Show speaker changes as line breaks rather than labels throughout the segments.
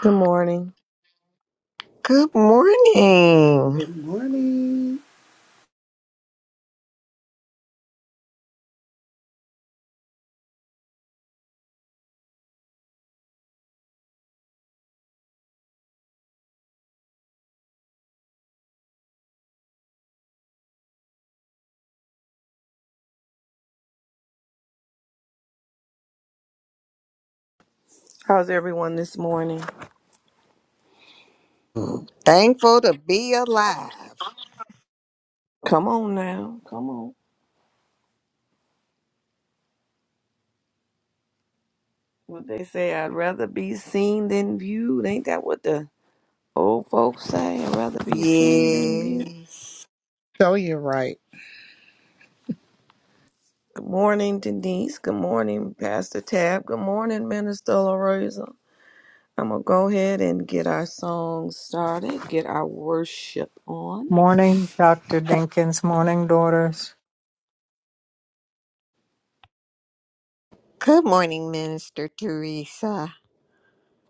Good morning.
Good morning.
Good morning.
How's everyone this morning?
Thankful to be alive.
Come on now. Come on. What they say, I'd rather be seen than viewed. Ain't that what the old folks say? I'd rather be seen than viewed.
Yes.
So you're right.
Good morning, Denise. Good morning, Pastor Tab. Good morning, Minister LaRosa. I'm going to go ahead and get our song started, get our worship on.
Morning, Doctor Dinkins, morning, daughters.
Good morning, Minister Teresa.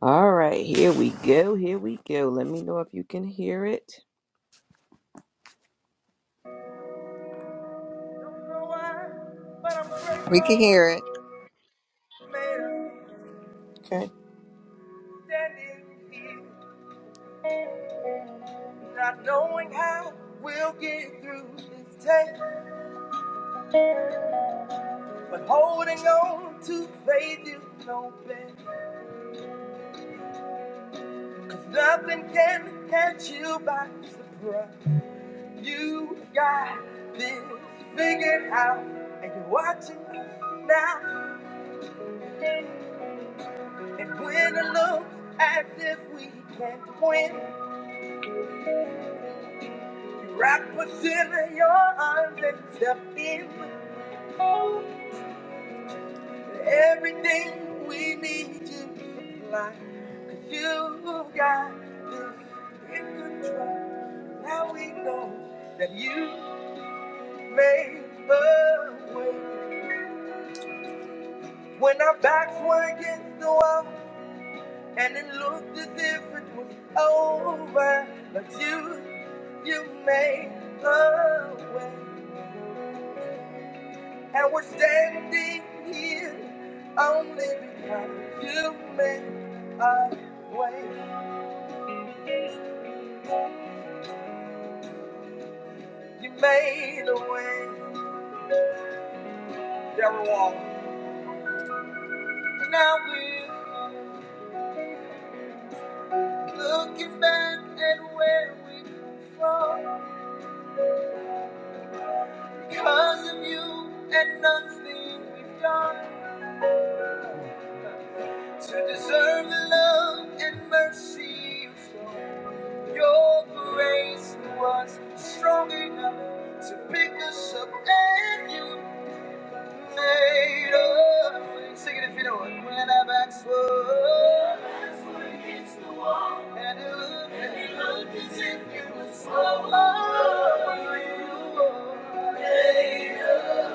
All right, here we go. Here we go. Let me know if you can hear it. Don't know why, but
We can
I'm
hear it.
grateful, man. standing here, not knowing how we'll get through this day, but holding on to faith you know best. 'cause nothing can catch you by surprise. You got this figured out, and you're watching us now. And when it looks as if we can't win, you wrap us in your arms and step in. Everything we need to be like, cause you got this in control. Now we know that you made a way. When our backs were against the wall, and it looked as if it was over, but you, you made a way. And we're standing here only because you made a way. You made a way. There were walls, walking. Now we're looking back at where we come from. Because of you and nothing we've done to deserve the love and mercy you show. Your grace was strong enough to pick us up, and you. made of. Sing it if you know it. When I backslid, against the wall, and it looked, and it looked as if you were so low. You were made of,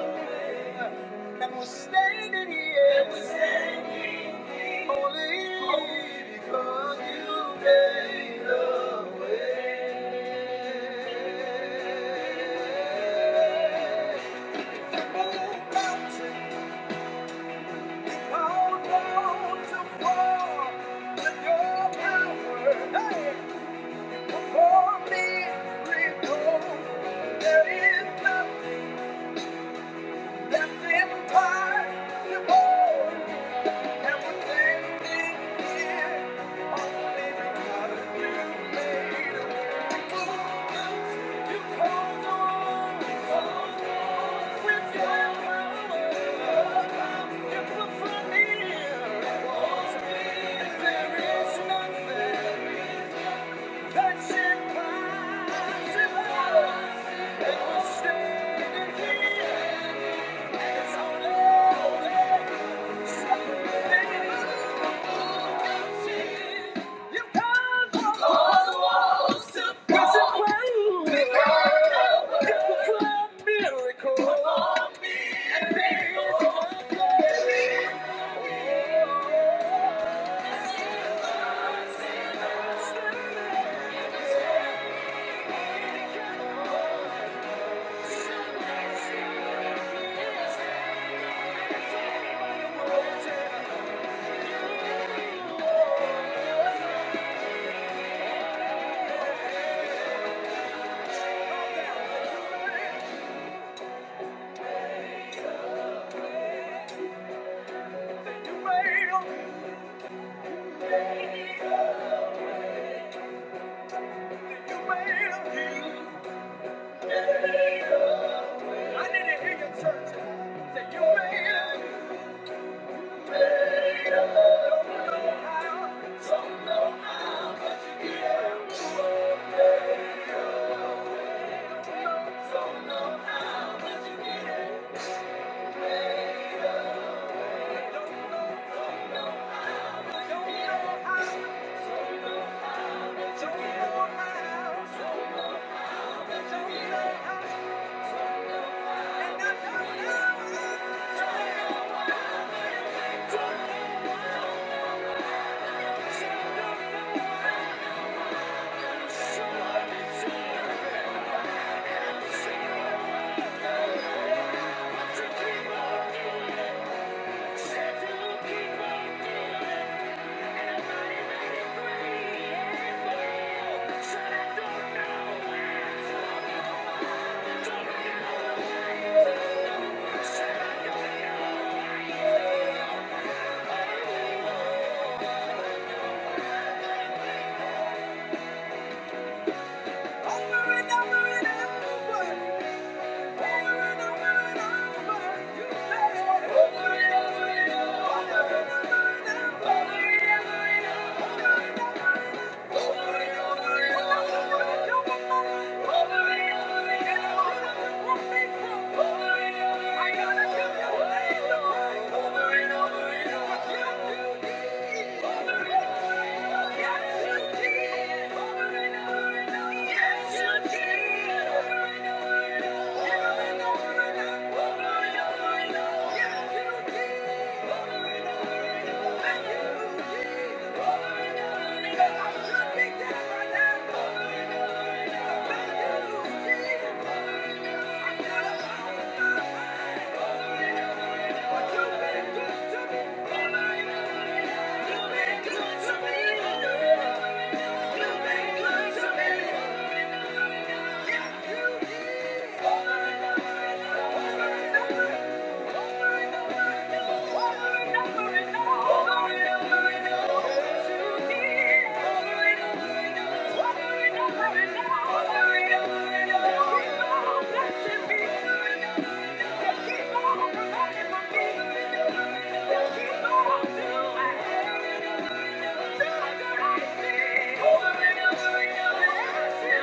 and was standing here, and was standing here only because you made a way. Mountains there is nothing that's impossible. There is nothing. That's impossible. And and it's all over. Something you can't control. Cause it will. It's a miracle. And there's I need to hear your church. Say you made it. don't Thank you. Over and over and over. Over and over and over. Over and over.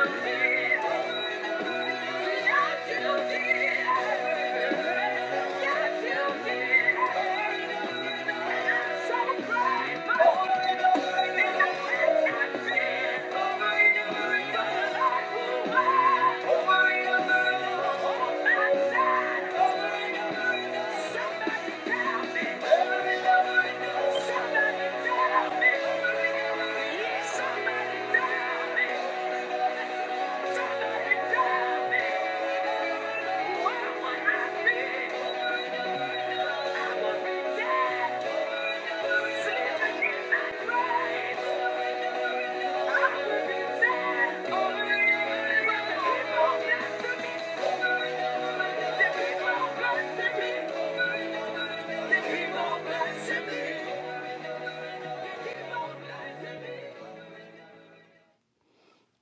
Thank you. Somebody tell me. Thank you.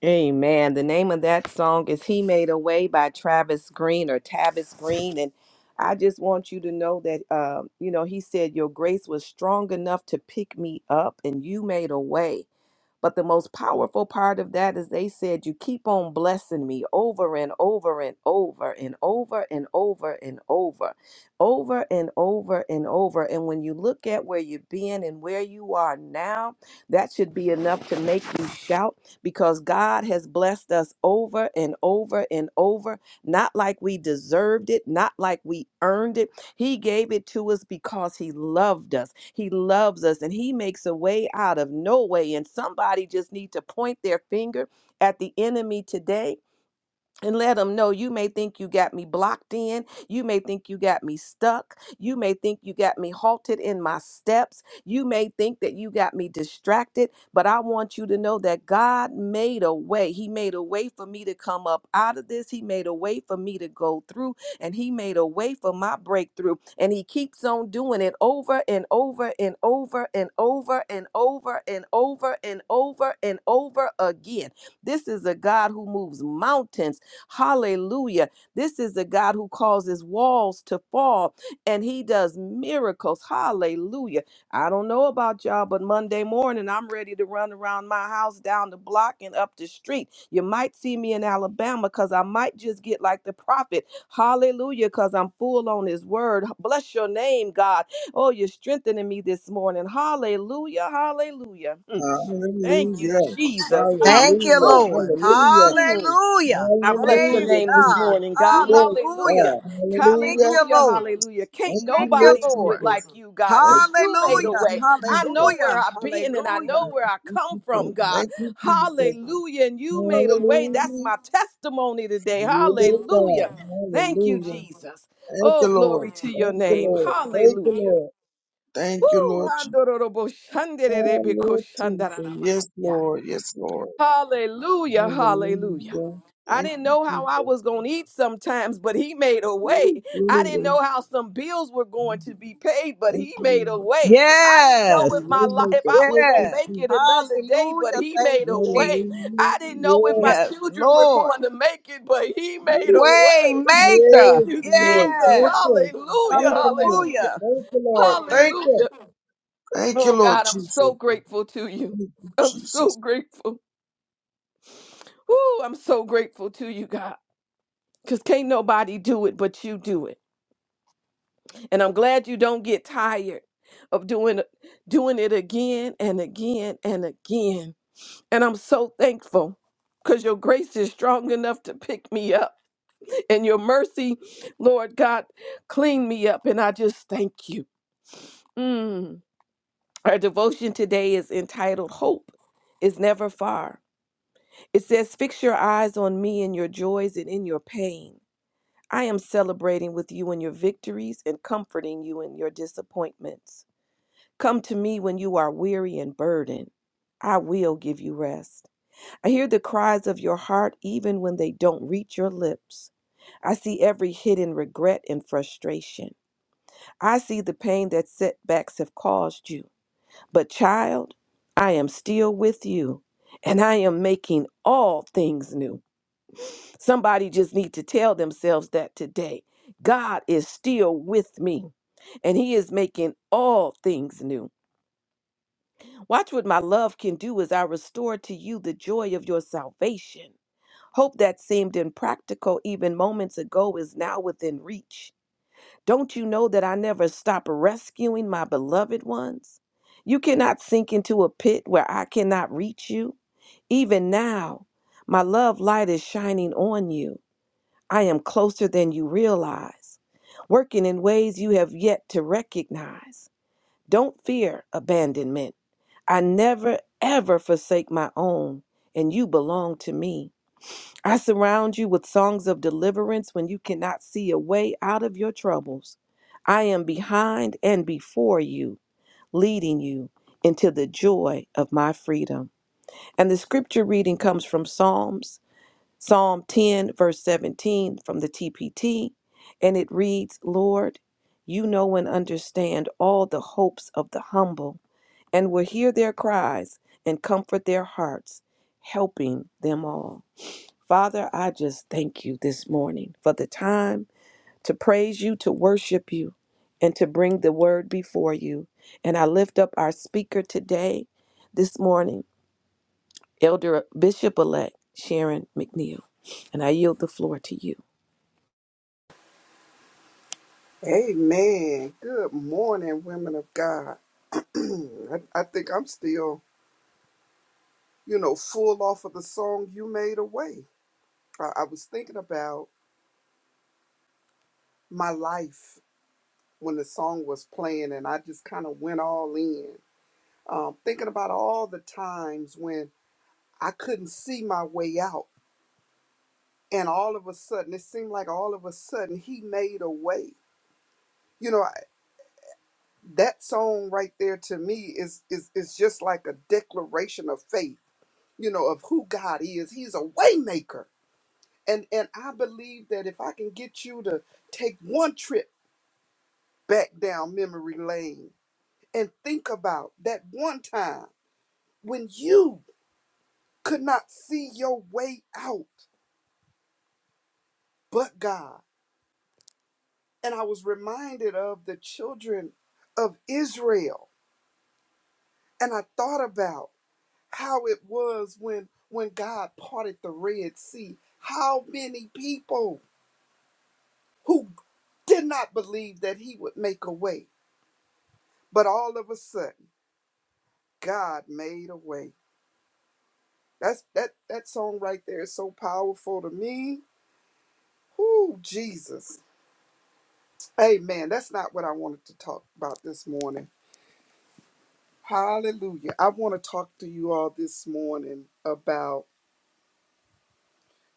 Amen. The name of that song is He Made a Way by Travis Green or Tavis Green. And I just want you to know that, um, you know, he said, Your grace was strong enough to pick me up, and you made a way. But the most powerful part of that is they said, You keep on blessing me over and over and over and over and over and over, over and over and over. And when you look at where you've been and where you are now, that should be enough to make you shout because God has blessed us over and over and over, not like we deserved it, not like we earned it he gave it to us because He loved us. He loves us and He makes a way out of no way. And somebody just need to point their finger at the enemy today and let them know you may think you got me blocked in. You may think you got me stuck. You may think you got me halted in my steps. You may think that you got me distracted. But I want you to know that God made a way. He made a way for me to come up out of this. He made a way for me to go through. And He made a way for my breakthrough. And He keeps on doing it over and over and over and over and over and over and over and over again. This is a God who moves mountains. Hallelujah. This is the God who causes walls to fall and he does miracles. Hallelujah. I don't know about y'all, but Monday morning I'm ready to run around my house, down the block, and up the street. You might see me in Alabama because I might just get like the prophet. Hallelujah, because I'm full on his word. Bless your name, God. Oh, you're strengthening me this morning. Hallelujah. Hallelujah. Mm. Thank you,
Hallelujah.
Jesus. Hallelujah.
Thank you,
Hallelujah.
Lord.
Hallelujah.
Mm.
Hallelujah.
I bless your
Praise
Hallelujah,
name this
God.
Jesus.
morning, God.
Yes,
Hallelujah.
Hallelujah.
God.
Thank
Hallelujah.
you,
Hallelujah.
Lord.
Hallelujah. Can't
Thank you,
Thank you,
Lord
nobody do it
Lord.
like
Jesus.
you, God,
Thank
because you made a
Hallelujah.
way.
you,
I
Jesus.
know where
Hallelujah.
I've been and I
Thank
know
Hallelujah.
where I
you,
come from,
Jesus.
God.
Thank you, Jesus.
Hallelujah. And you made a way. That's
Hallelujah.
my testimony today.
Yes, God.
Hallelujah. Thank you,
Hallelujah.
Jesus.
Thank you,
Oh,
Lord.
glory to your
Thank you,
name.
Lord. Thank you,
Hallelujah.
Lord. Thank you, Lord. Je- Ah, Jesus. Hallelujah. Yes,
Woo.
Lord. Yes, Lord.
Hallelujah, hallelujah.
Hallelujah.
I
Thank
didn't
you,
know how
Jesus.
I was going to eat sometimes, but he made a way. I didn't
Hallelujah.
know how some bills were going to be paid, but
Thank
he
you, Lord.
made a way. I didn't
Thank you,
know
Yes.
if
can
my
really
life
make
if
a
I was going to
perfect
Yes.
make it
Jesus.
another day, but
Hallelujah.
he
Thank
made
you,
a way.
Jesus.
Hallelujah.
I didn't know if my
Yes.
Yes,
children were
Lord.
going to make it, but he made a
Way
way. Thank
maker.
Yes,
you
Lord.
Jesus.
Thank
Yes.
you.
Hallelujah,
Thank you, Lord.
hallelujah.
Hallelujah.
Thank you, Lord. Thank you.
Hallelujah.
Thank you,
Oh
Lord
God, I'm
Jesus.
so grateful to you.
Thank you,
I'm
Jesus.
so grateful. Woo, I'm so grateful to you, God, because can't nobody do it but you do it. And I'm glad you don't get tired of doing doing it again and again and again. And I'm so thankful because your grace is strong enough to pick me up. And your mercy, Lord God, clean me up. And I just thank you. Mm. Our devotion today is entitled Hope is Never Far. It says, Fix your eyes on me in your joys and in your pain. I am celebrating with you in your victories and comforting you in your disappointments. Come to me when you are weary and burdened. I will give you rest. I hear the cries of your heart even when they don't reach your lips. I see every hidden regret and frustration. I see the pain that setbacks have caused you. But, child, I am still with you and I am making all things new. Somebody just need to tell themselves that today. God is still with me and he is making all things new. Watch what my love can do as I restore to you the joy of your salvation. Hope that seemed impractical even moments ago is now within reach. Don't you know that I never stop rescuing my beloved ones? You cannot sink into a pit where I cannot reach you. Even now, my love light is shining on you. I am closer than you realize, working in ways you have yet to recognize. Don't fear abandonment. I never, ever forsake my own, and you belong to me. I surround you with songs of deliverance when you cannot see a way out of your troubles. I am behind and before you, leading you into the joy of my freedom. And the scripture reading comes from Psalms Psalm 10, verse 17 from the TPT, and it reads Lord, you know and understand all the hopes of the humble, and will hear their cries and comfort their hearts, helping them all. Father, I just thank you this morning for the time to praise you, to worship you, and to bring the word before you. And I lift up our speaker today, this morning. Elder Bishop elect Sharon McNeil. And I yield the floor to you.
Amen. Good morning, women of God. I, I think I'm still, you know, full off of the song You Made Away. I, I was thinking about my life when the song was playing, and I just kind of went all in, um, thinking about all the times when I couldn't see my way out. And all of a sudden, it seemed like all of a sudden, He made a way. You know, that song right there to me is is is just like a declaration of faith you know of who god is he's a waymaker and and i believe that if i can get you to take one trip back down memory lane and think about that one time when you could not see your way out but god and i was reminded of the children of israel and i thought about how it was when when God parted the Red Sea. How many people who did not believe that he would make a way, but all of a sudden God made a way. That's that that song right there is so powerful to me. Whoo, Jesus. Amen. That's not what I wanted to talk about this morning. Hallelujah. I want to talk to you all this morning about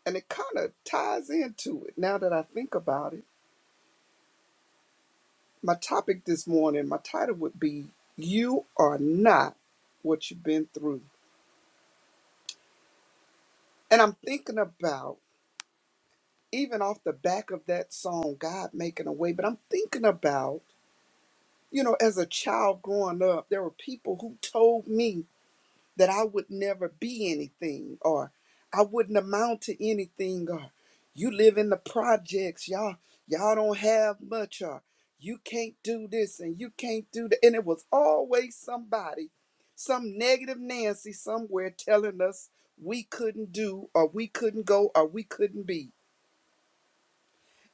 and it kind of ties into it now that I think about it my topic this morning, my title would be You Are Not What You've Been Through. And I'm thinking about, even off the back of that song, God Making a Way, but I'm thinking about, you know, as a child growing up, there were people who told me that I would never be anything or I wouldn't amount to anything or you live in the projects, y'all, y'all don't have much or you can't do this and you can't do that. And it was always somebody, some negative Nancy somewhere telling us we couldn't do or we couldn't go or we couldn't be.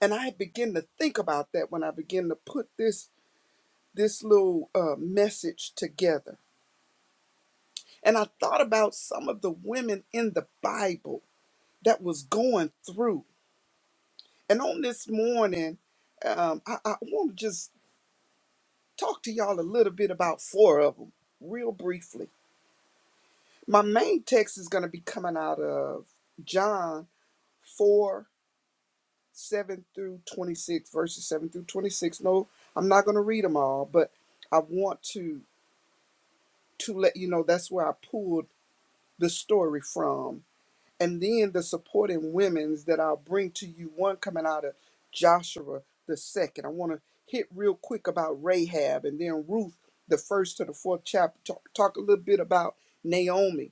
And I began to think about that when I began to put this this little uh, message together. And I thought about some of the women in the Bible that was going through. And on this morning, um, I, I want to just talk to y'all a little bit about four of them, real briefly. My main text is going to be coming out of John 4 7 through 26, verses 7 through 26. No, I'm not going to read them all, but I want to to let you know that's where I pulled the story from and then the supporting women's that I'll bring to you. One coming out of Joshua the second. I want to hit real quick about Rahab and then Ruth, the first to the fourth chapter. Talk, talk a little bit about Naomi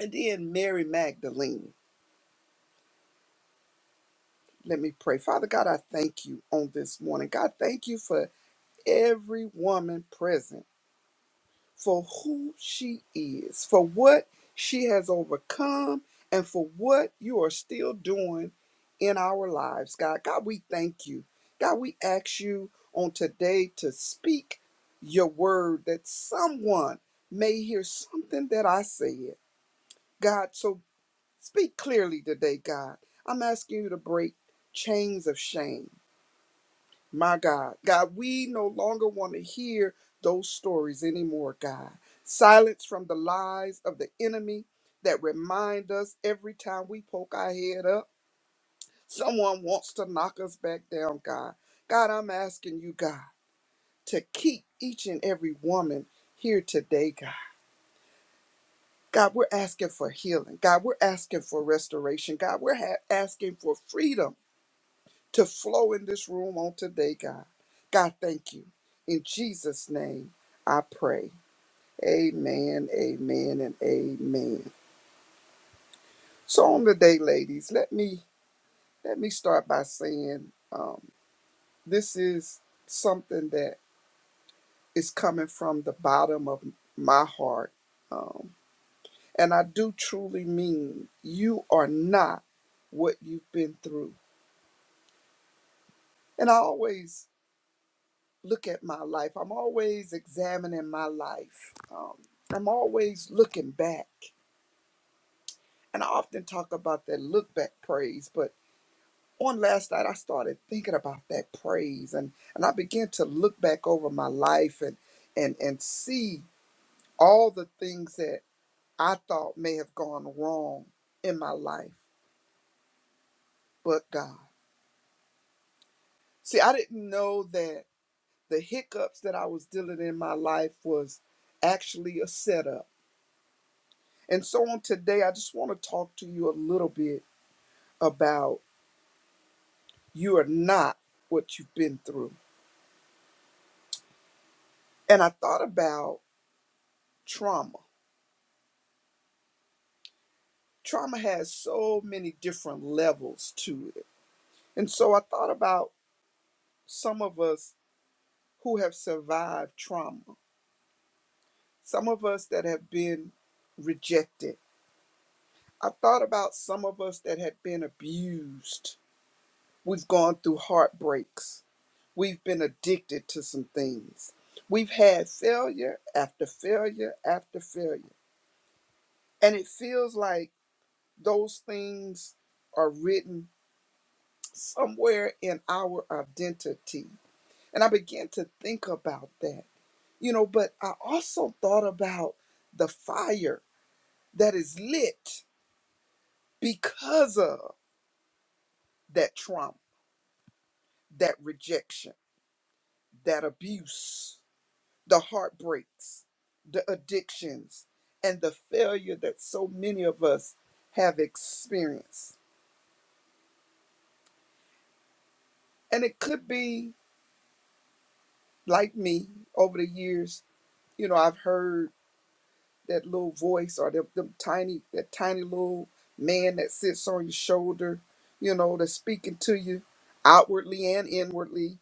and then Mary Magdalene. Let me pray. Father God, I thank you on this morning. God, thank you for every woman present. for who she is, for what she has overcome, and for what you are still doing in our lives, God. God, we thank you. God, we ask you on today to speak your word that someone may hear something that I said. God, so speak clearly today, God. I'm asking you to break chains of shame. My God, God, we no longer want to hear those stories anymore, God. Silence from the lies of the enemy that remind us every time we poke our head up, someone wants to knock us back down, God. God, I'm asking you, God, to keep each and every woman here today, God. God, we're asking for healing. God, we're asking for restoration. God, we're ha- asking for freedom to flow in this room on today, God. God, thank you. In Jesus' name, I pray. Amen, amen, and amen. So on the day, ladies, let me let me start by saying um, this is something that is coming from the bottom of my heart, um, and I do truly mean you are not what you've been through. And I always look at my life. I'm always examining my life. Um, I'm always looking back. And I often talk about that look back praise, but on last night I started thinking about that praise and, and I began to look back over my life and and and see all the things that I thought may have gone wrong in my life, but God. See, I didn't know that the hiccups that I was dealing in my life was actually a setup And so on today, I just want to talk to you a little bit about you are not what you've been through. And I thought about trauma. Trauma has so many different levels to it. And so I thought about some of us who have survived trauma, some of us that have been rejected. I thought about some of us that have been abused. We've gone through heartbreaks We've been addicted to some things. We've had failure after failure after failure. And it feels like those things are written somewhere in our identity. And I began to think about that, you know, but I also thought about the fire that is lit because of that trauma, that rejection, that abuse. the heartbreaks, the addictions, and the failure that so many of us have experienced. And it could be like me over the years, you know, I've heard that little voice or them, them tiny, that tiny little man that sits on your shoulder, you know, that's speaking to you outwardly and inwardly,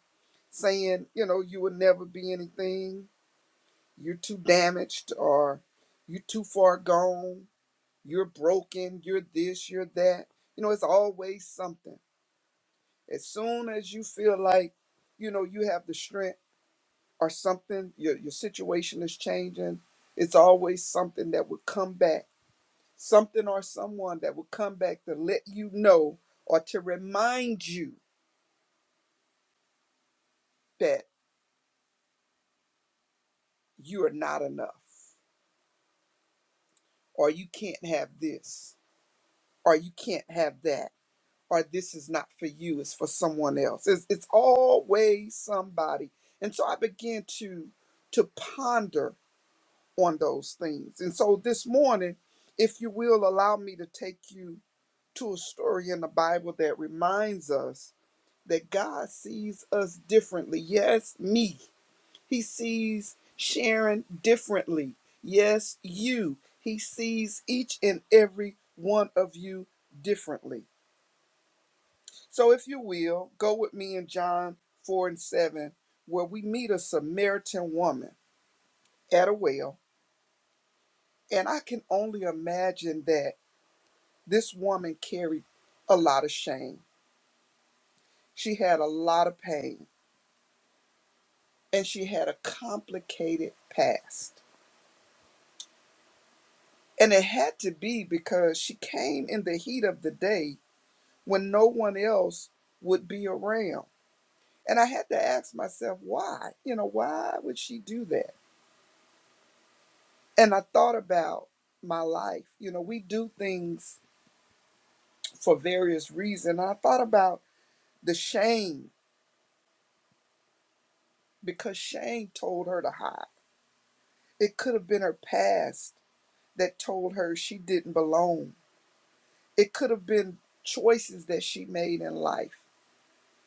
saying, you know, you will never be anything, you're too damaged, or you're too far gone, You're broken. You're this. You're that. You know, it's always something. As soon as you feel like, you know, you have the strength or something, your your situation is changing. It's always something that will come back. Something or someone that will come back to let you know or to remind you that you are not enough, or you can't have this, or you can't have that or this is not for you, it's for someone else. It's, it's always somebody. And so I began to to ponder on those things. And so this morning, if you will allow me to take you to a story in the Bible that reminds us that God sees us differently. Yes, me. He sees Sharon differently. Yes, you. He sees each and every one of you differently. So, if you will, go with me in John 4 and 7, where we meet a Samaritan woman at a well. And I can only imagine that this woman carried a lot of shame. She had a lot of pain, and she had a complicated past. And it had to be because she came in the heat of the day when no one else would be around. And I had to ask myself, why? You know, why would she do that? and I thought about my life. You know, we do things for various reasons. And I thought about the shame because shame told her to hide. It could have been her past that told her she didn't belong. It could have been choices that she made in life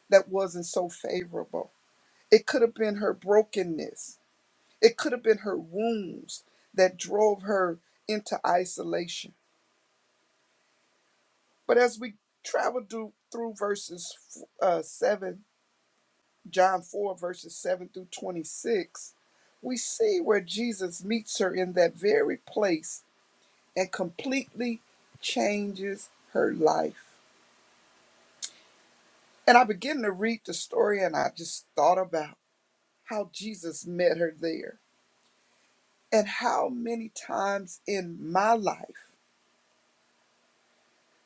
that wasn't so favorable. It could have been her brokenness. It could have been her wounds that drove her into isolation. But as we travel through, through verses uh, 7 John 4, verses 7 through 26, we see where Jesus meets her in that very place and completely changes her life. And I begin to read the story and I just thought about how Jesus met her there and how many times in my life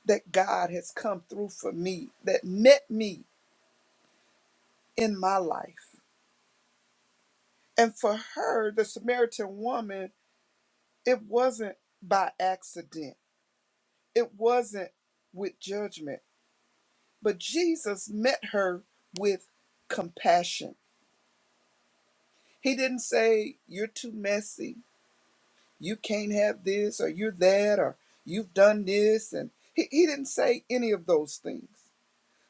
that God has come through for me, that met me in my life. And for her, the Samaritan woman, it wasn't by accident It wasn't with judgment, but Jesus met her with compassion. He didn't say, You're too messy, you can't have this, or you're that, or you've done this. And he, he didn't say any of those things.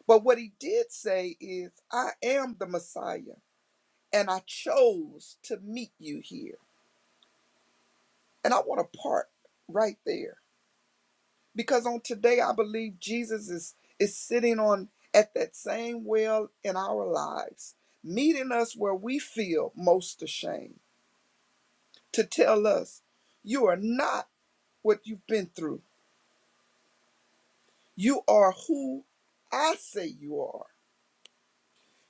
But what he did say is, I am the Messiah, and I chose to meet you here. And I want to part right there because on today i believe jesus is is sitting on at that same well in our lives meeting us where we feel most ashamed to tell us you are not what you've been through you are who i say you are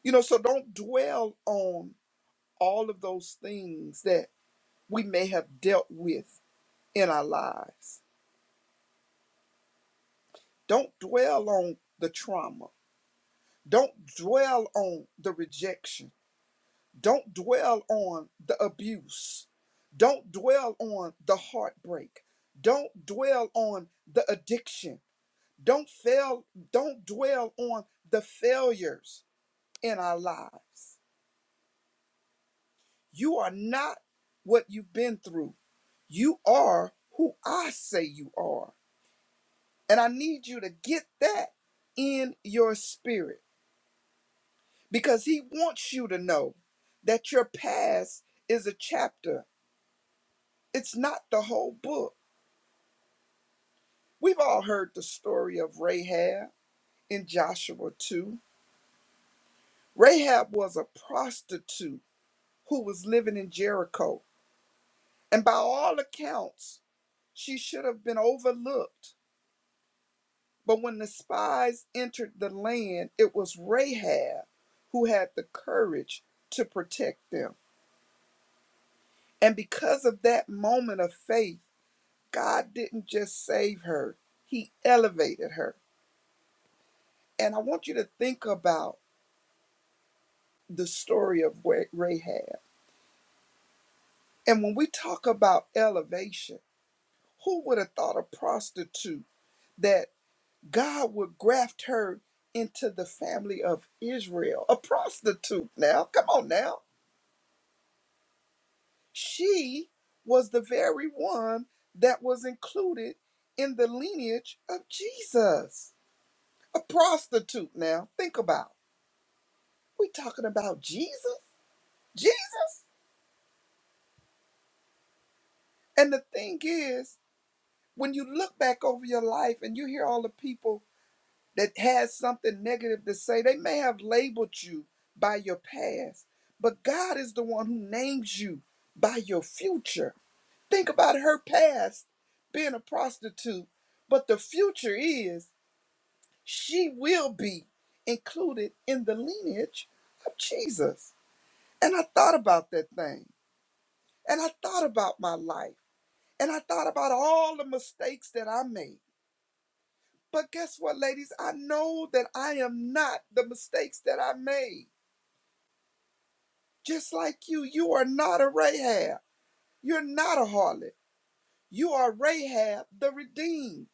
you know so don't dwell on all of those things that we may have dealt with in our lives don't dwell on the trauma don't dwell on the rejection Don't dwell on the abuse. Don't dwell on the heartbreak. Don't dwell on the addiction. Don't fail, don't dwell on the failures in our lives. You are not what you've been through. You are who I say you are. And I need you to get that in your spirit because he wants you to know that your past is a chapter. It's not the whole book We've all heard the story of Rahab in Joshua 2. Rahab was a prostitute who was living in Jericho, and by all accounts, she should have been overlooked. But when the spies entered the land, it was Rahab who had the courage to protect them. And because of that moment of faith, God didn't just save her, He elevated her. And I want you to think about the story of Rahab. And when we talk about elevation, who would have thought a prostitute that God would graft her into the family of Israel? A prostitute now, come on now. She was the very one that was included in the lineage of Jesus. A prostitute now, think about. We talking about Jesus? Jesus? And the thing is, when you look back over your life and you hear all the people that has something negative to say. They may have labeled you by your past, but God is the one who names you by your future. Think about her past being a prostitute, but the future is she will be included in the lineage of Jesus. And I thought about that thing, and I thought about my life, and I thought about all the mistakes that I made. But guess what, ladies? I know that I am not the mistakes that I made. Just like you, you are not a Rahab. You're not a harlot. You are Rahab, the redeemed.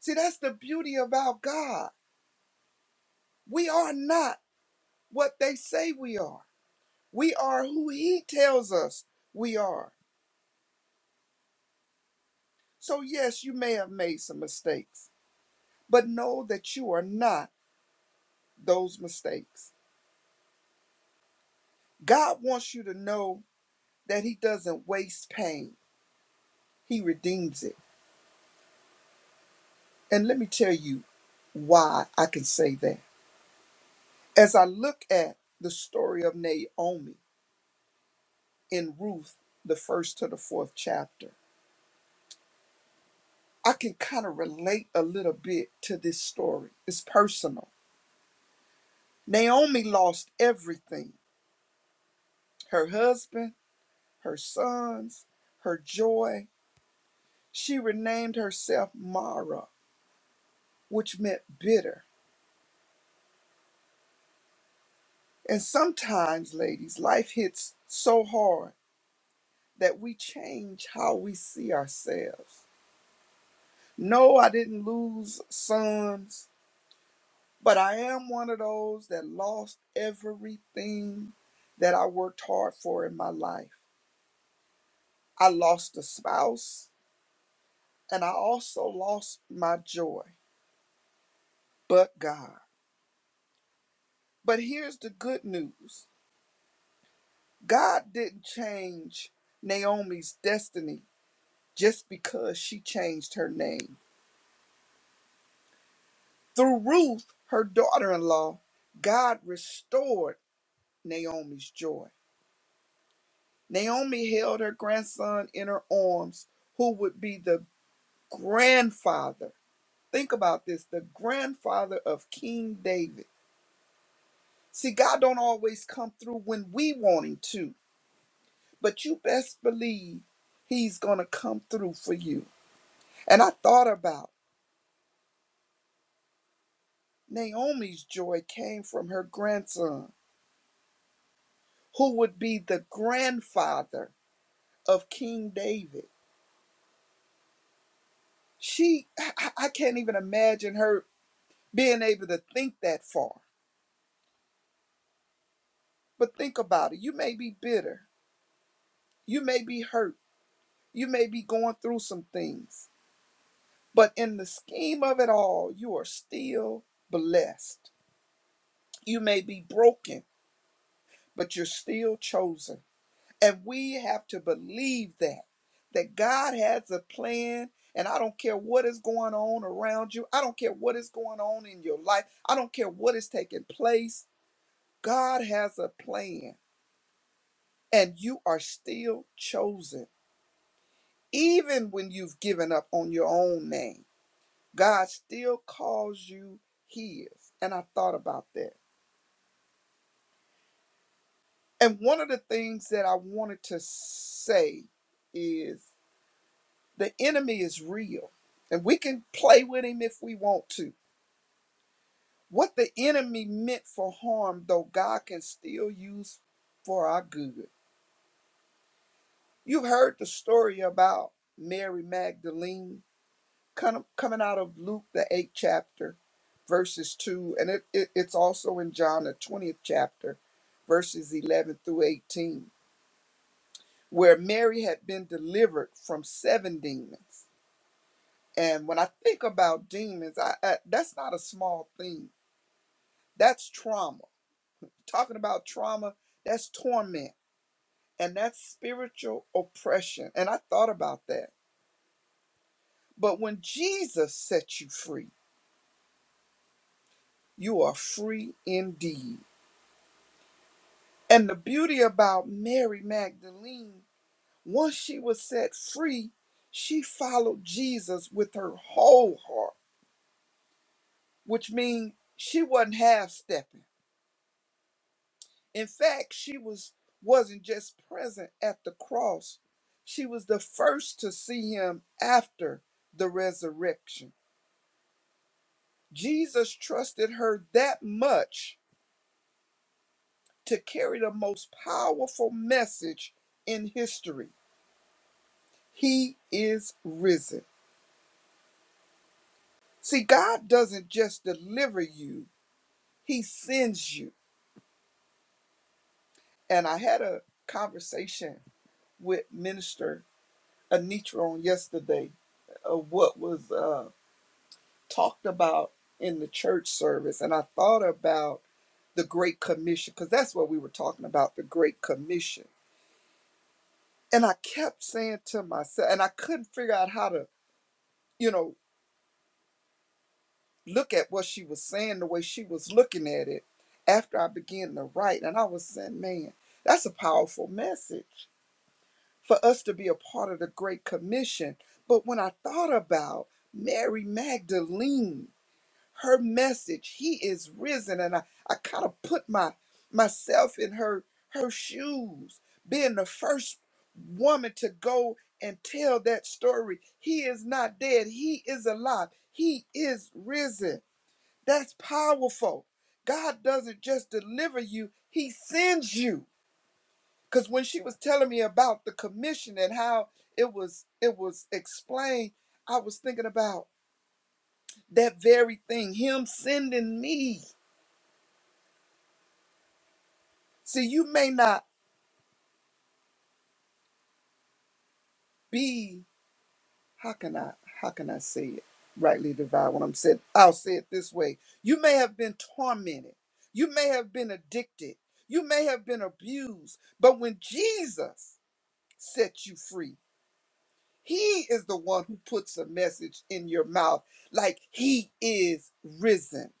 See, that's the beauty of our God. We are not what they say we are, we are who He tells us we are. So, yes, you may have made some mistakes, but know that you are not those mistakes. God wants you to know that He doesn't waste pain, He redeems it. And let me tell you why I can say that. As I look at the story of Naomi in Ruth, the first to the fourth chapter, I can kind of relate a little bit to this story. It's personal. Naomi lost everything her husband, her sons, her joy. She renamed herself Mara, which meant bitter. And sometimes, ladies, life hits so hard that we change how we see ourselves. No, I didn't lose sons, but I am one of those that lost everything that I worked hard for in my life. I lost a spouse and I also lost my joy, but God. But here's the good news God didn't change Naomi's destiny just because she changed her name. Through Ruth, her daughter in law, God restored Naomi's joy. Naomi held her grandson in her arms, who would be the grandfather. Think about this the grandfather of King David. See, God don't always come through when we want him to, but you best believe he's going to come through for you. And I thought about Naomi's joy came from her grandson, who would be the grandfather of King David. She, I I- can't even imagine her being able to think that far But think about it. You may be bitter. You may be hurt. You may be going through some things. But in the scheme of it all, you are still blessed. You may be broken, but you're still chosen. And we have to believe that that God has a plan and I don't care what is going on around you. I don't care what is going on in your life. I don't care what is taking place. God has a plan and you are still chosen Even when you've given up on your own name, God still calls you His. And I thought about that. And one of the things that I wanted to say is the enemy is real, and we can play with him if we want to. What the enemy meant for harm, though, God can still use for our good. You've heard the story about Mary Magdalene kind of coming out of Luke, the eighth chapter, verses two, and it, it, it's also in John, the 20th chapter, verses 11 through 18, where Mary had been delivered from seven demons. And when I think about demons, I, I, that's not a small thing. That's trauma. Talking about trauma, that's torment and that's spiritual oppression. And I thought about that. But when Jesus sets you free, you are free indeed. And the beauty about Mary Magdalene, once she was set free, she followed Jesus with her whole heart, which means she wasn't half stepping. In fact, she was wasn't just present at the cross. She was the first to see him after the resurrection. Jesus trusted her that much to carry the most powerful message in history. He is risen. See, God doesn't just deliver you, He sends you. And I had a conversation with Minister Anitra on yesterday of what was uh, talked about in the church service. And I thought about the Great Commission, because that's what we were talking about the Great Commission. And I kept saying to myself, and I couldn't figure out how to, you know, look at what she was saying, the way she was looking at it after I began to write. And I was saying, man, that's a powerful message for us to be a part of the Great Commission. But when I thought about Mary Magdalene, her message, he is risen, and I, I kind of put my myself in her her shoes, being the first woman to go and tell that story. He is not dead, he is alive, he is risen that's powerful. God doesn't just deliver you, He sends you. Because when she was telling me about the commission and how it was it was explained, I was thinking about that very thing, Him sending me. See, you may not be, how can I how can I say it? Rightly divide what I'm saying. I'll say it this way. You may have been tormented. You may have been addicted. You may have been abused. But when Jesus set you free, He is the one who puts a message in your mouth, like he is risen.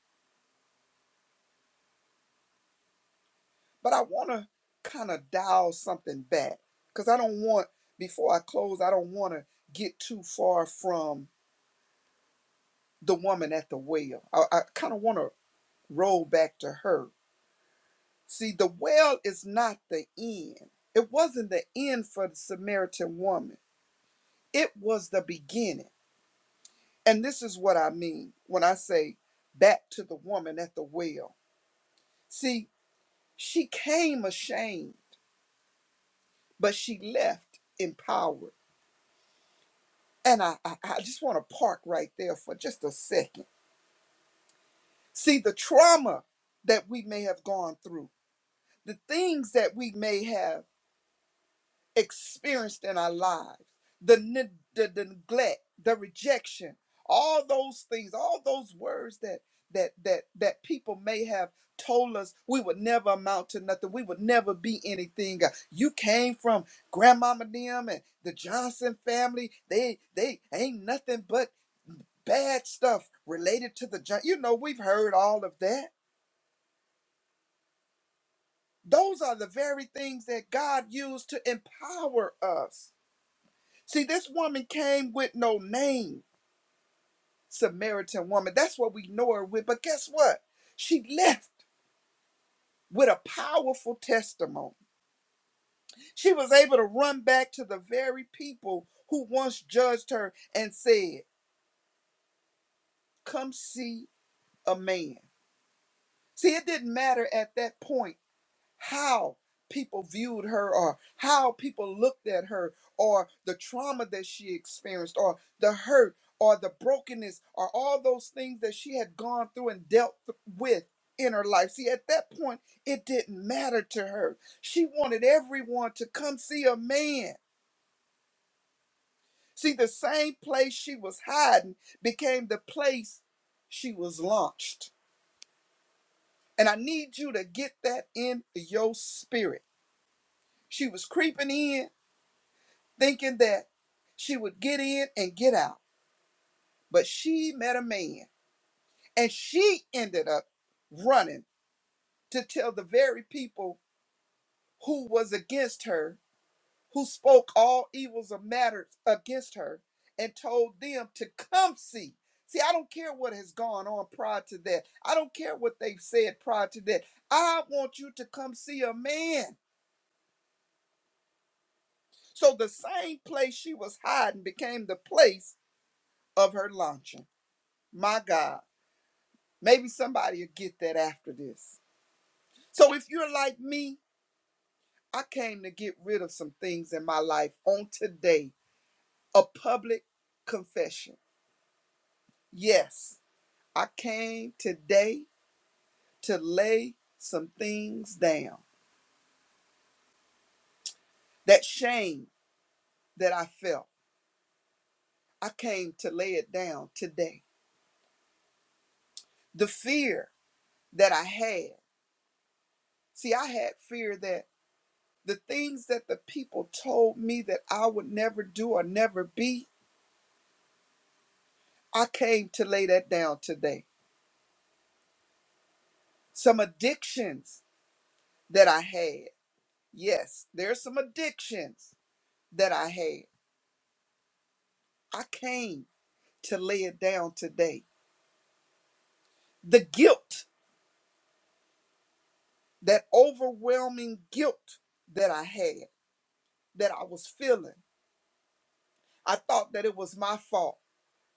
But I want to kind of dial something back because I don't want, before I close, I don't want to get too far from the woman at the well. I, I kind of want to roll back to her. See, the well is not the end, it wasn't the end for the Samaritan woman, it was the beginning. And this is what I mean when I say back to the woman at the well. See, She came ashamed, but she left empowered. And I, I, I just want to park right there for just a second. See, the trauma that we may have gone through, the things that we may have. experienced in our lives the, ne- the, the neglect the rejection all those things all those words that that that that people may have told us we would never amount to nothing we would never be anything Uh, you came from grandmama them and the johnson family they they ain't nothing but bad stuff related to the John- you know we've heard all of that those are the very things that god used to empower us See, this woman came with no name, Samaritan woman. That's what we know her with. But guess what? She left with a powerful testimony. She was able to run back to the very people who once judged her and said, Come see a man. See, it didn't matter at that point how people viewed her or how people looked at her or the trauma that she experienced or the hurt or the brokenness or all those things that she had gone through and dealt th- with in her life. See, at that point, it didn't matter to her. She wanted everyone to come see a man. See, the same place she was hiding became the place she was launched. And I need you to get that in your spirit. She was creeping in thinking that she would get in and get out. But she met a man and she ended up running to tell the very people who was against her, who spoke all evils of matters against her, and told them to come see. See, I don't care what has gone on prior to that. I don't care what they've said prior to that. I want you to come see a man. So the same place she was hiding became the place of her launching. My God. Maybe somebody will get that after this. So if you're like me, I came to get rid of some things in my life on today. A public confession. Yes, I came today to lay some things down. That shame that I felt, I came to lay it down today. The fear that I had. See, I had fear that the things that the people told me that I would never do or never be, I came to lay that down today. Some addictions that I had. Yes, there's some addictions that I had. I came to lay it down today. The guilt, that overwhelming guilt that I had, that I was feeling. I thought that it was my fault.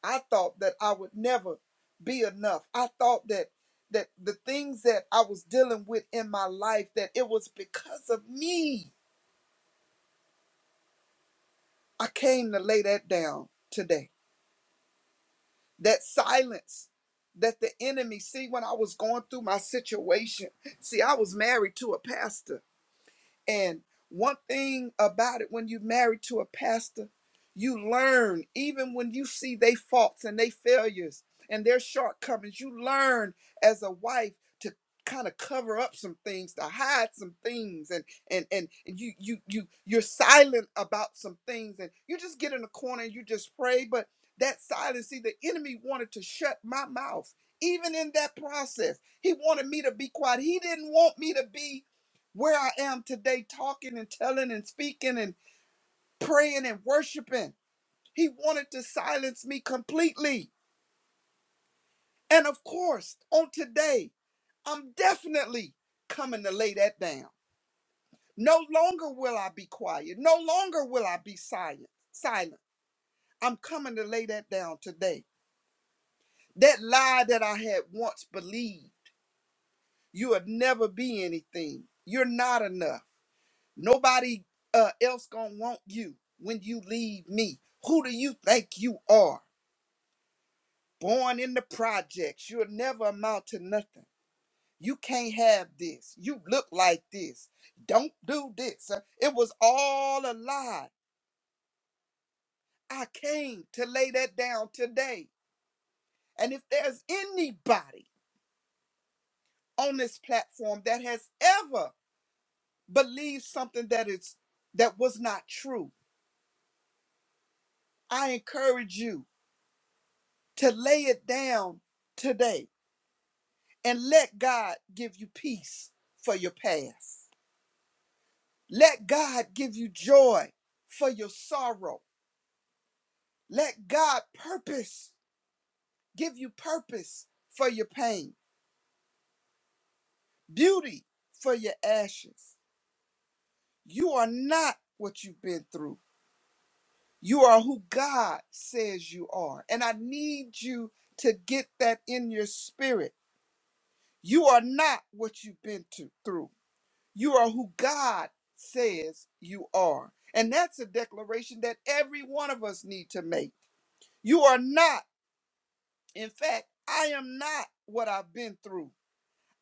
I thought that I would never be enough. I thought that that the things that I was dealing with in my life that it was because of me. I came to lay that down today. that silence that the enemy see when i was going through my situation see i was married to a pastor and one thing about it, when you're married to a pastor, you learn, even when you see their faults and their failures and their shortcomings, you learn as a wife to kind of cover up some things, to hide some things, and and and, and you you you you're silent about some things, and you just get in a corner and you just pray. But that silence, see, the enemy wanted to shut my mouth, even in that process. He wanted me to be quiet. He didn't want me to be where I am today, talking and telling and speaking and praying and worshiping. He wanted to silence me completely. And of course, on today, I'm definitely coming to lay that down. No longer will I be quiet. No longer will I be silent. Silent. I'm coming to lay that down today. That lie that I had once believed. You'll never be anything. You're not enough. Nobody uh, else gonna want you when you leave me. Who do you think you are? Born in the projects, you'll never amount to nothing. You can't have this. You look like this. Don't do this. Uh, It was all a lie. I came to lay that down today. And if there's anybody on this platform that has ever believed something that is that was not true, I encourage you to lay it down today and let God give you peace for your past. Let God give you joy for your sorrow. Let God purpose give you purpose for your pain, beauty for your ashes. You are not what you've been through. You are who God says you are. And I need you to get that in your spirit. You are not what you've been to, through. You are who God says you are. And that's a declaration that every one of us need to make. You are not, in fact, I am not what I've been through.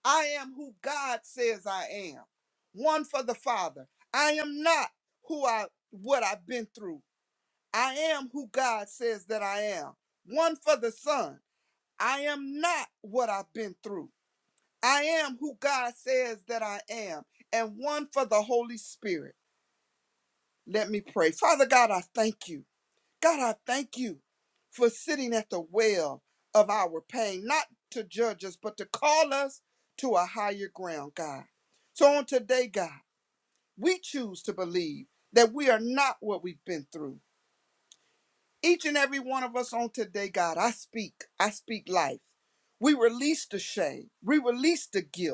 I am who God says I am. One for the Father. I am not who I what I've been through. I am who God says that I am. One for the Son. I am not what I've been through. I am who God says that I am. And one for the Holy Spirit. Let me pray. Father God, I thank you. God, I thank you for sitting at the well of our pain, not to judge us, but to call us to a higher ground, God. So on today, God, we choose to believe that we are not what we've been through. Each and every one of us on today, God, I speak. I speak life. We release the shame. We release the guilt.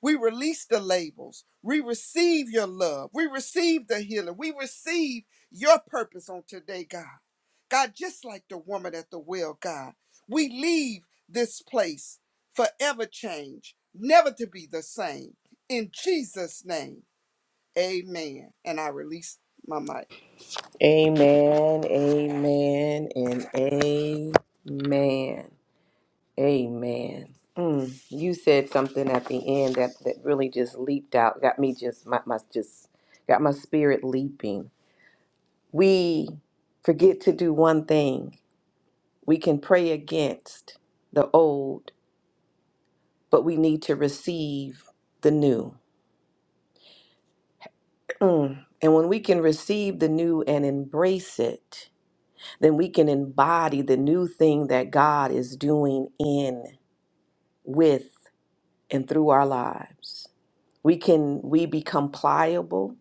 We release the labels. We receive your love. We receive the healing. We receive your purpose on today, God. God, just like the woman at the well, God, we leave this place forever changed, never to be the same. In Jesus' name, amen. And I release my mic.
Amen, amen, and amen. Amen. Mm, you said something at the end that, that really just leaped out, got me just my, my just got my spirit leaping. We forget to do one thing. We can pray against the old, but we need to receive the new. Mm. And when we can receive the new and embrace it, then we can embody the new thing that God is doing in, with, and through our lives. We can we become pliable,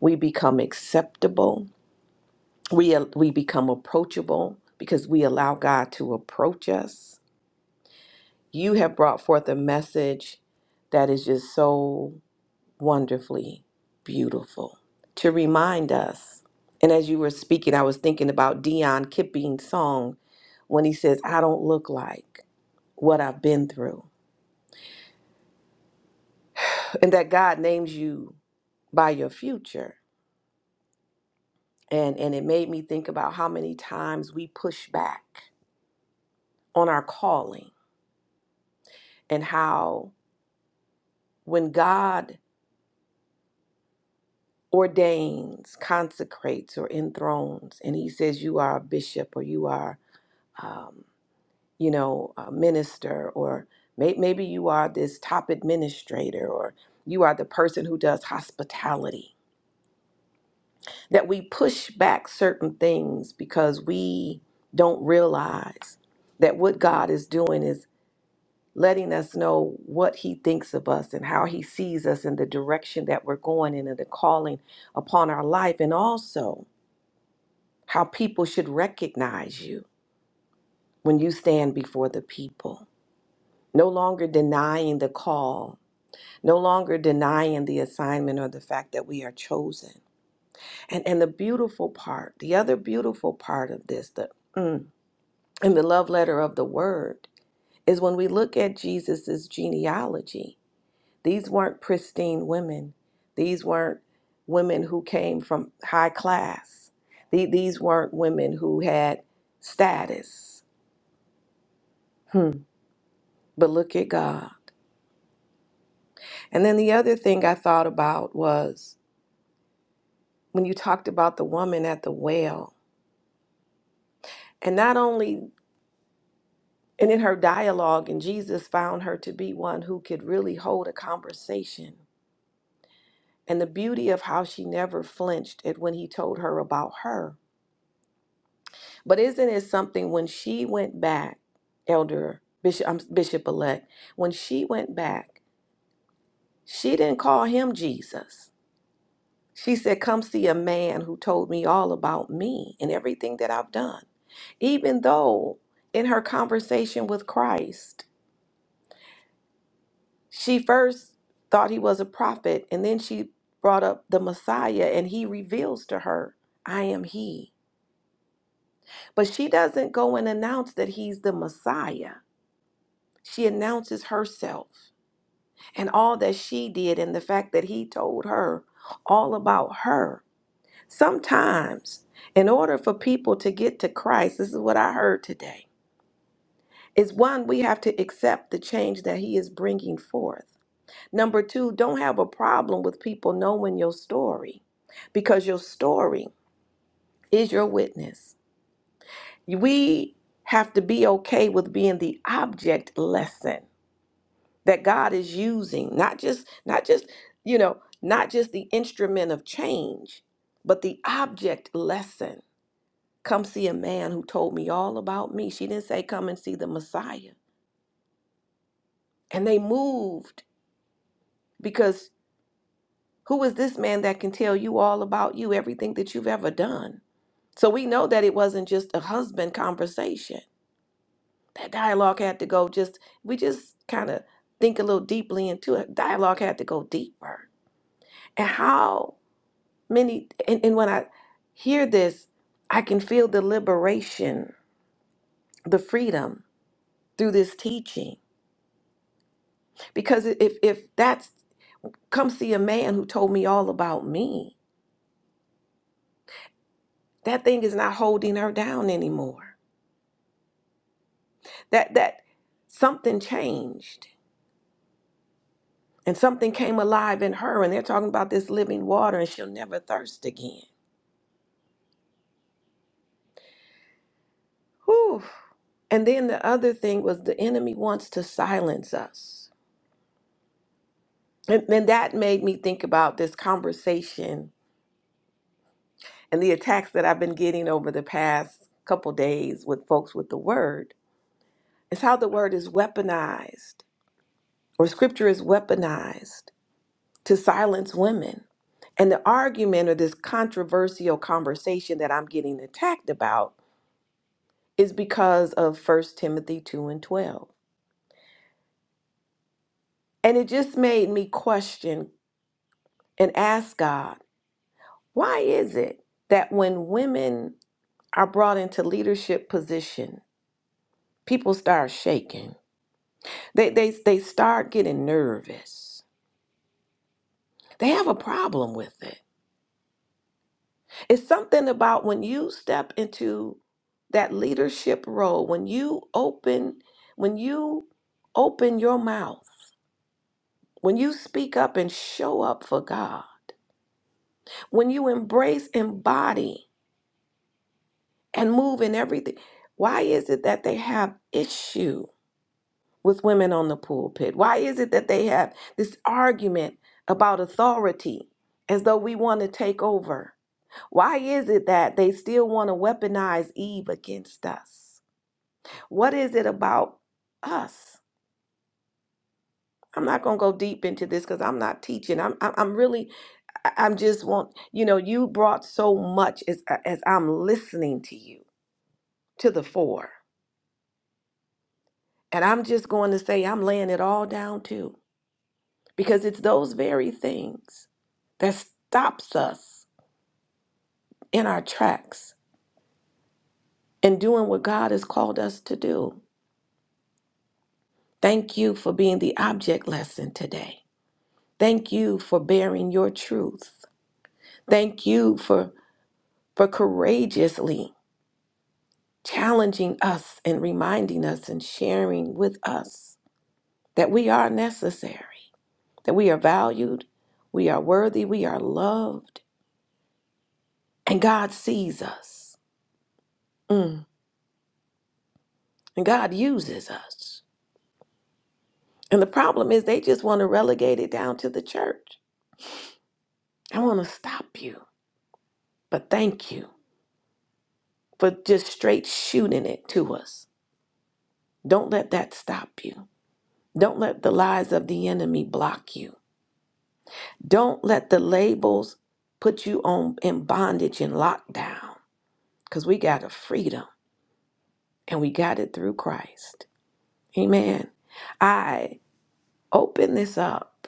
we become acceptable, we we become approachable because we allow God to approach us. You have brought forth a message that is just so wonderfully beautiful to remind us. And as you were speaking, I was thinking about Dion Kipping's song when he says, I don't look like what I've been through. And that God names you by your future. And, and it made me think about how many times we push back on our calling and how when God ordains, consecrates, or enthrones, and he says, You are a bishop or you are. um. you know, a minister, or may, maybe you are this top administrator, or you are the person who does hospitality. That we push back certain things because we don't realize that what God is doing is letting us know what He thinks of us and how He sees us and the direction that we're going in and the calling upon our life, and also how people should recognize you when you stand before the people. No longer denying the call no longer denying the assignment or the fact that we are chosen. And and the beautiful part, the other beautiful part of this, the mm, in the love letter of the word, is when we look at Jesus's genealogy. These weren't pristine women. These weren't women who came from high class. The- These weren't women who had status. Hmm. But look at God. And then the other thing I thought about was when you talked about the woman at the well And not only, and in her dialogue, and Jesus found her to be one who could really hold a conversation. And the beauty of how she never flinched at when he told her about her. But isn't it something when she went back, Elder Bishop, um, Bishop elect, when she went back, she didn't call him Jesus. She said, Come see a man who told me all about me and everything that I've done. Even though in her conversation with Christ, She first thought he was a prophet, and then she brought up the Messiah, and he reveals to her, I am he. But she doesn't go and announce that he's the Messiah. She announces herself and all that she did, and the fact that he told her all about her. Sometimes, in order for people to get to Christ, this is what I heard today, is one, we have to accept the change that he is bringing forth. Number two, don't have a problem with people knowing your story because your story is your witness. We have to be okay with being the object lesson that God is using, not just, not just, you know, not just the instrument of change, but the object lesson. Come see a man who told me all about me. She didn't say, come and see the Messiah. And they moved because who is this man that can tell you all about you, everything that you've ever done? So we know that it wasn't just a husband conversation. That dialogue had to go just, we just kind of think a little deeply into it. Dialogue had to go deeper. And how many, and, and when I hear this, I can feel the liberation, the freedom through this teaching. Because if, if that's, come see a man who told me all about me, that thing is not holding her down anymore. That, that, something changed And something came alive in her, and they're talking about this living water, and she'll never thirst again. Whew. And then the other thing was the enemy wants to silence us. And, and that made me think about this conversation and the attacks that I've been getting over the past couple days with folks with the word. It's how the word is weaponized, or scripture is weaponized to silence women. And the argument or this controversial conversation that I'm getting attacked about is because of First Timothy 2 and 12. And it just made me question and ask God, why is it that when women are brought into leadership position, people start shaking? They, they, they start getting nervous. They have a problem with it. It's something about when you step into that leadership role, when you open, when you open your mouth, when you speak up and show up for God When you embrace, embody, and move in everything, why is it that they have issue with women on the pulpit? Why is it that they have this argument about authority as though we want to take over? Why is it that they still want to weaponize Eve against us? What is it about us? I'm not going to go deep into this because I'm not teaching. I'm, I'm I'm really, I- I'm just want, you know, you brought so much as, as I'm listening to you. to the fore. And I'm just going to say, I'm laying it all down too, because it's those very things that stops us in our tracks and doing what God has called us to do. Thank you for being the object lesson today. Thank you for bearing your truth. Thank you for for courageously challenging us and reminding us and sharing with us that we are necessary. that we are valued, we are worthy, we are loved, and God sees us. Mm. And God uses us. And the problem is they just want to relegate it down to the church. I want to stop you, but thank you for just straight shooting it to us. Don't let that stop you. Don't let the lies of the enemy block you. Don't let the labels put you on in bondage and lockdown because we got a freedom and we got it through Christ. Amen. I open this up.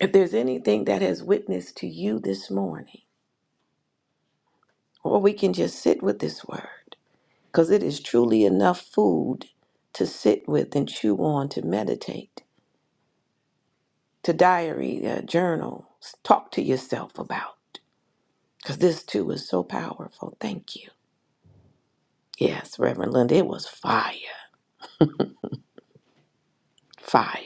If there's anything that has witnessed to you this morning, or we can just sit with this word, because it is truly enough food to sit with and chew on, to meditate, to diary, uh, journal, s- talk to yourself about, because this too is so powerful. Thank you. Yes, Reverend Linda, it was fire, fire.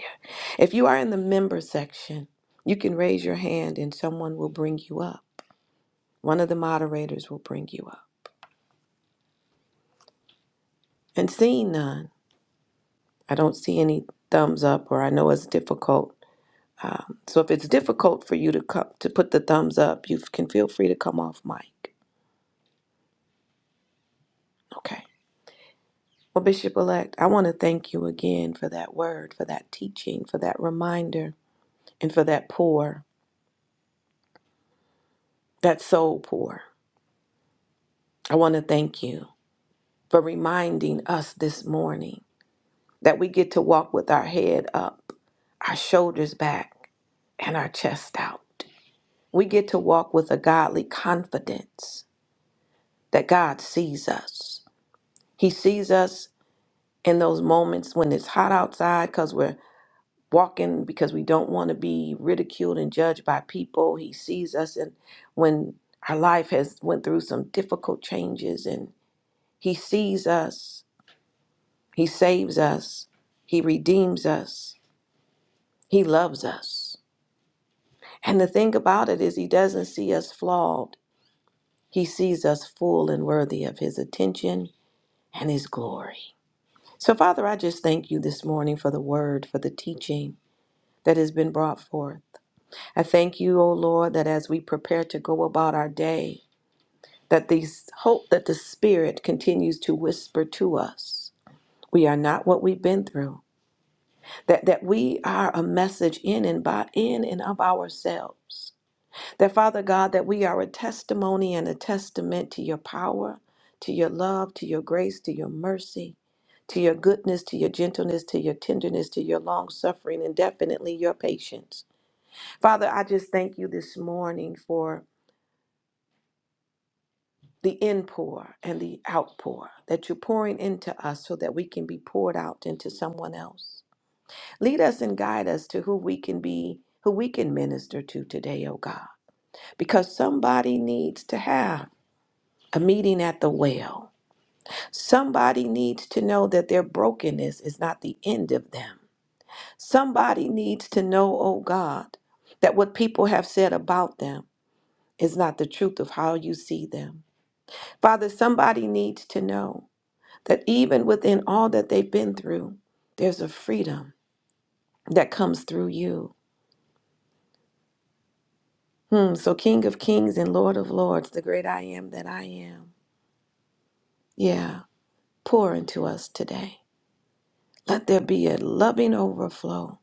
If you are in the member section, you can raise your hand and someone will bring you up. One of the moderators will bring you up. And seeing none, I don't see any thumbs up, or I know it's difficult. Um, so if it's difficult for you to come to put the thumbs up, you can feel free to come off mic. Okay. Well, Bishop elect, I want to thank you again for that word, for that teaching, for that reminder, and for that pour, that soul pour. I want to thank you for reminding us this morning that we get to walk with our head up, our shoulders back, and our chest out. We get to walk with a godly confidence that God sees us. He sees us in those moments when it's hot outside because we're walking because we don't want to be ridiculed and judged by people. He sees us in when our life has went through some difficult changes and he sees us. He saves us. He redeems us. He loves us. And the thing about it is he doesn't see us flawed. He sees us full and worthy of his attention and his glory. So, Father, I just thank you this morning for the word, for the teaching that has been brought forth. I thank you, O Lord, that as we prepare to go about our day, that these hope that the Spirit continues to whisper to us. We are not what we've been through. That that we are a message in and by in and of ourselves. That, Father God, that we are a testimony and a testament to your power, to your love, to your grace, to your mercy, to your goodness, to your gentleness, to your tenderness, to your long suffering, and definitely your patience. Father, I just thank you this morning for the inpour and the outpour that you're pouring into us so that we can be poured out into someone else. Lead us and guide us to who we can be, who we can minister to today, oh God, because somebody needs to have. a meeting at the well. Somebody needs to know that their brokenness is not the end of them. Somebody needs to know, oh God, that what people have said about them is not the truth of how you see them. Father, somebody needs to know that even within all that they've been through, there's a freedom that comes through you. Hmm, so, King of Kings and Lord of Lords, the great I am that I am, yeah, pour into us today. Let there be a loving overflow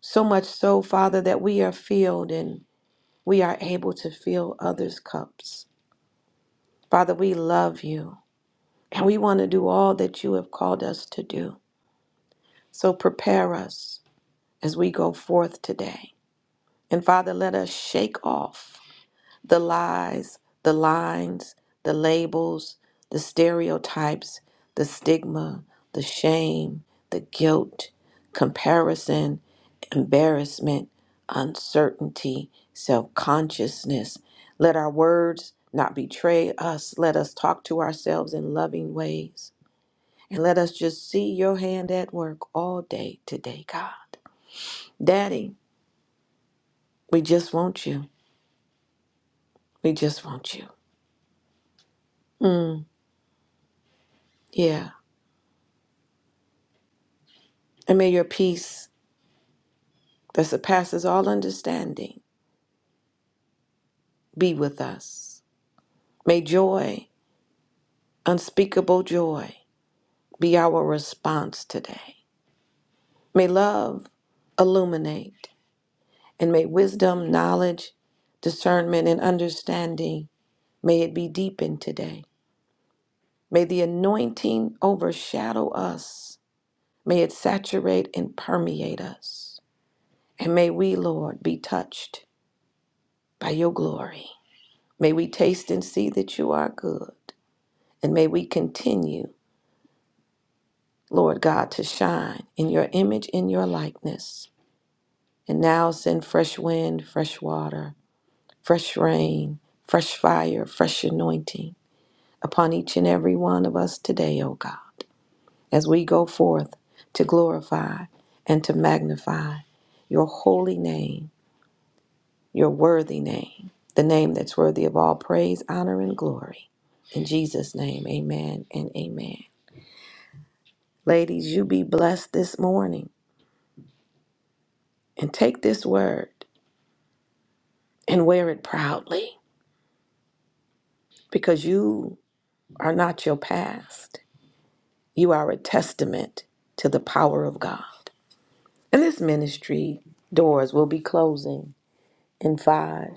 So much so, Father, that we are filled and we are able to fill others' cups. Father, we love you and we want to do all that you have called us to do. So prepare us as we go forth today. And Father, let us shake off. the lies, the lines, the labels, the stereotypes, the stigma, the shame, the guilt, comparison, embarrassment, uncertainty, self consciousness. Let our words not betray us. Let us talk to ourselves in loving ways. And let us just see your hand at work all day today, God. Daddy, we just want you. We just want you. Mm, yeah. And may your peace that surpasses all understanding be with us. May joy, unspeakable joy, be our response today. May love illuminate, and may wisdom, knowledge, discernment, and understanding, may it be deepened today. May the anointing overshadow us. May it saturate and permeate us. And may we, Lord, be touched by your glory. May we taste and see that you are good. And may we continue, Lord God, to shine in your image, in your likeness. And now send fresh wind, fresh water, fresh rain, fresh fire, fresh anointing upon each and every one of us today, O God, as we go forth to glorify and to magnify your holy name, your worthy name, the name that's worthy of all praise, honor, and glory. In Jesus' name, amen and amen. Ladies, you be blessed this morning and take this word and wear it proudly because you are not your past. You are a testament to the power of God. And this ministry doors will be closing in five,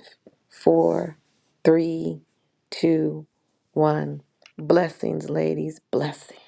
four, three, two, one. Blessings, ladies, blessings.